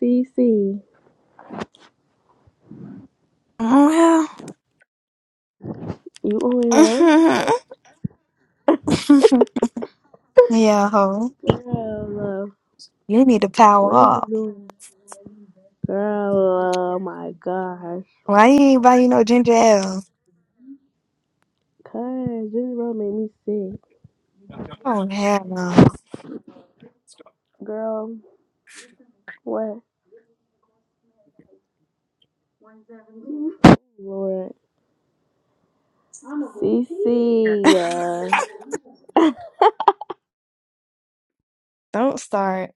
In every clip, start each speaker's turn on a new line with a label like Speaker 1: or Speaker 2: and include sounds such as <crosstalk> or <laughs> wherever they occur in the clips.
Speaker 1: CC,
Speaker 2: Well,
Speaker 1: you on here?
Speaker 2: <laughs> yeah, ho.
Speaker 1: Girl, uh,
Speaker 2: You need to power
Speaker 1: what is you
Speaker 2: up.
Speaker 1: doing? Girl, oh my gosh.
Speaker 2: Why you ain't buy you no ginger ale?
Speaker 1: Cuz, this road made me sick.
Speaker 2: Oh, hell no.
Speaker 1: Girl, what? Lord. CC, uh,
Speaker 2: <laughs> Don't start.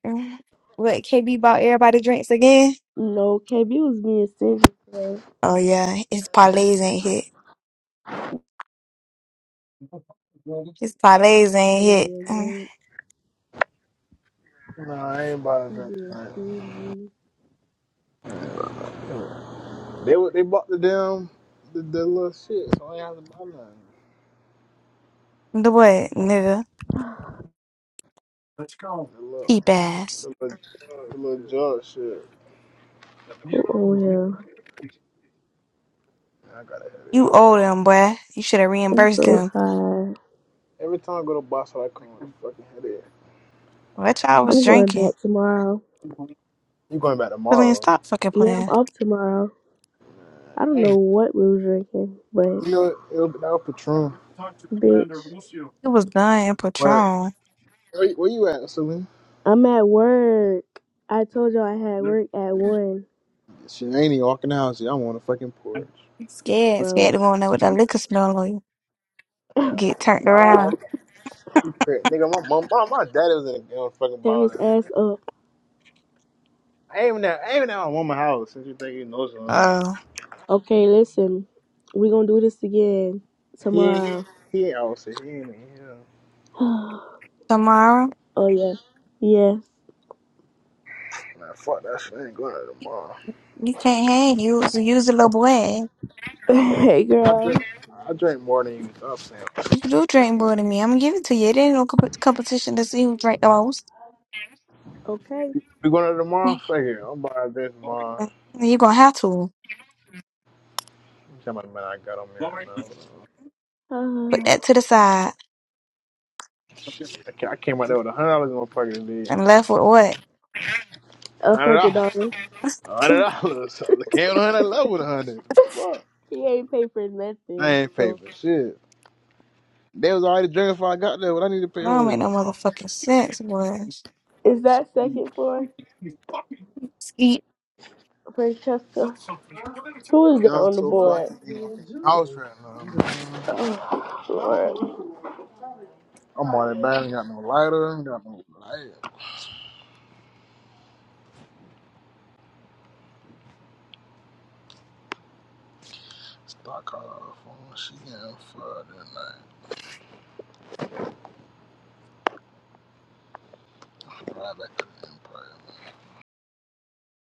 Speaker 2: What, KB bought everybody drinks again?
Speaker 1: no, KB was being stingy today.
Speaker 2: Oh, yeah. His parlays ain't hit. His parlays ain't
Speaker 1: Nobody
Speaker 2: hit.
Speaker 1: was
Speaker 2: Mm.
Speaker 1: there.
Speaker 3: No, I ain't bought a
Speaker 1: He
Speaker 3: drink
Speaker 1: being
Speaker 3: tonight.
Speaker 1: stingy.
Speaker 3: They wa- they bought the damn the, the little shit, so I ain't have to buy nothing.
Speaker 2: The what, nigga?
Speaker 1: <sighs>
Speaker 3: The little
Speaker 2: Keep ass.
Speaker 3: the little, the little jug shit.
Speaker 1: Who
Speaker 2: You
Speaker 1: on here?
Speaker 3: Man, I got a headache, bro.
Speaker 2: owe them, boy. You should have
Speaker 1: I'm
Speaker 2: reimbursed
Speaker 1: so
Speaker 3: Every,
Speaker 2: them.
Speaker 1: tired.
Speaker 3: every time I go to Boston, I come with a fucking headache.
Speaker 2: What y'all was
Speaker 1: I'm going
Speaker 2: drinking?
Speaker 1: back tomorrow.
Speaker 3: You going back
Speaker 2: Billy,
Speaker 3: tomorrow?
Speaker 2: stop fucking
Speaker 1: Yeah, I'm
Speaker 2: playing.
Speaker 1: off tomorrow. I don't
Speaker 3: I
Speaker 1: know
Speaker 3: ain't.
Speaker 1: what we was drinking, but
Speaker 3: You know it'll be that was Patron,
Speaker 1: bitch.
Speaker 2: It was done in
Speaker 3: but
Speaker 2: Patron.
Speaker 3: where, you- where you at, Celine?
Speaker 1: I'm at work. I told y'all I had work at one,
Speaker 3: She ain't even walking the house. yet. I'm on the fucking porch.
Speaker 2: Scared,
Speaker 1: bro.
Speaker 2: scared to go in there with that liquor smell on you.
Speaker 3: Hell,
Speaker 2: Get turned
Speaker 3: no. nah,
Speaker 2: around.
Speaker 3: I'm, you crazy, nigga. My mom, my, my daddy was in the, in the fucking
Speaker 1: Tear his
Speaker 3: bar.
Speaker 1: ass up.
Speaker 3: Aiming that, aiming that my woman house since you think he knows something.
Speaker 2: Uh,
Speaker 1: Okay, listen. we gonna do this again
Speaker 3: He ain't he,
Speaker 1: tomorrow.
Speaker 3: he ain't out here. He ain't in here.
Speaker 1: <sighs> oh
Speaker 2: tomorrow
Speaker 1: yeah. Yes.
Speaker 3: Man, fuck that shit. I ain't going out tomorrow.
Speaker 2: you can't hang. You was use a little boy.
Speaker 1: <laughs> hey
Speaker 3: I
Speaker 1: girl.
Speaker 3: drink I drink more than you. Stop saying.
Speaker 2: You do drink
Speaker 1: Okay.
Speaker 2: more than me. I'm gonna give it to you. It ain't no comp- competition to see who drink the most.
Speaker 1: Okay.
Speaker 3: We going out tomorrow? Fuck it. I'm buying this tomorrow.
Speaker 2: Mm, You gonna have to
Speaker 3: I'm telling my man I got on me right now. Hold on.
Speaker 2: put
Speaker 1: Uh,
Speaker 2: that to the side
Speaker 3: I ca- I came out there with a hundred dollars in my pocket today.
Speaker 2: and left with what?
Speaker 1: A
Speaker 3: Hundred
Speaker 1: hundred
Speaker 3: dollars.
Speaker 1: dollars.
Speaker 3: Hundred dollars. I came on the hundred level with a hundred. Fuck.
Speaker 1: He ain't pay for
Speaker 3: I
Speaker 1: nothing.
Speaker 3: ain't pay
Speaker 1: So
Speaker 3: for shit. They was already drinking before I got there. What I need to
Speaker 2: That
Speaker 3: pay
Speaker 2: don't make no
Speaker 3: for?
Speaker 2: motherfucking sense, boy.
Speaker 1: is that second floor? Francesca? Who is that
Speaker 3: Yeah, I'm
Speaker 1: on the
Speaker 3: so
Speaker 1: board?
Speaker 3: fucking
Speaker 1: <sighs>
Speaker 3: in my house right now, man.
Speaker 1: Oh, Lord.
Speaker 3: I'm on it, man. Ain't got no lighter, ain't got no light. Stock car phone. She in for the night. Drive back to the empire.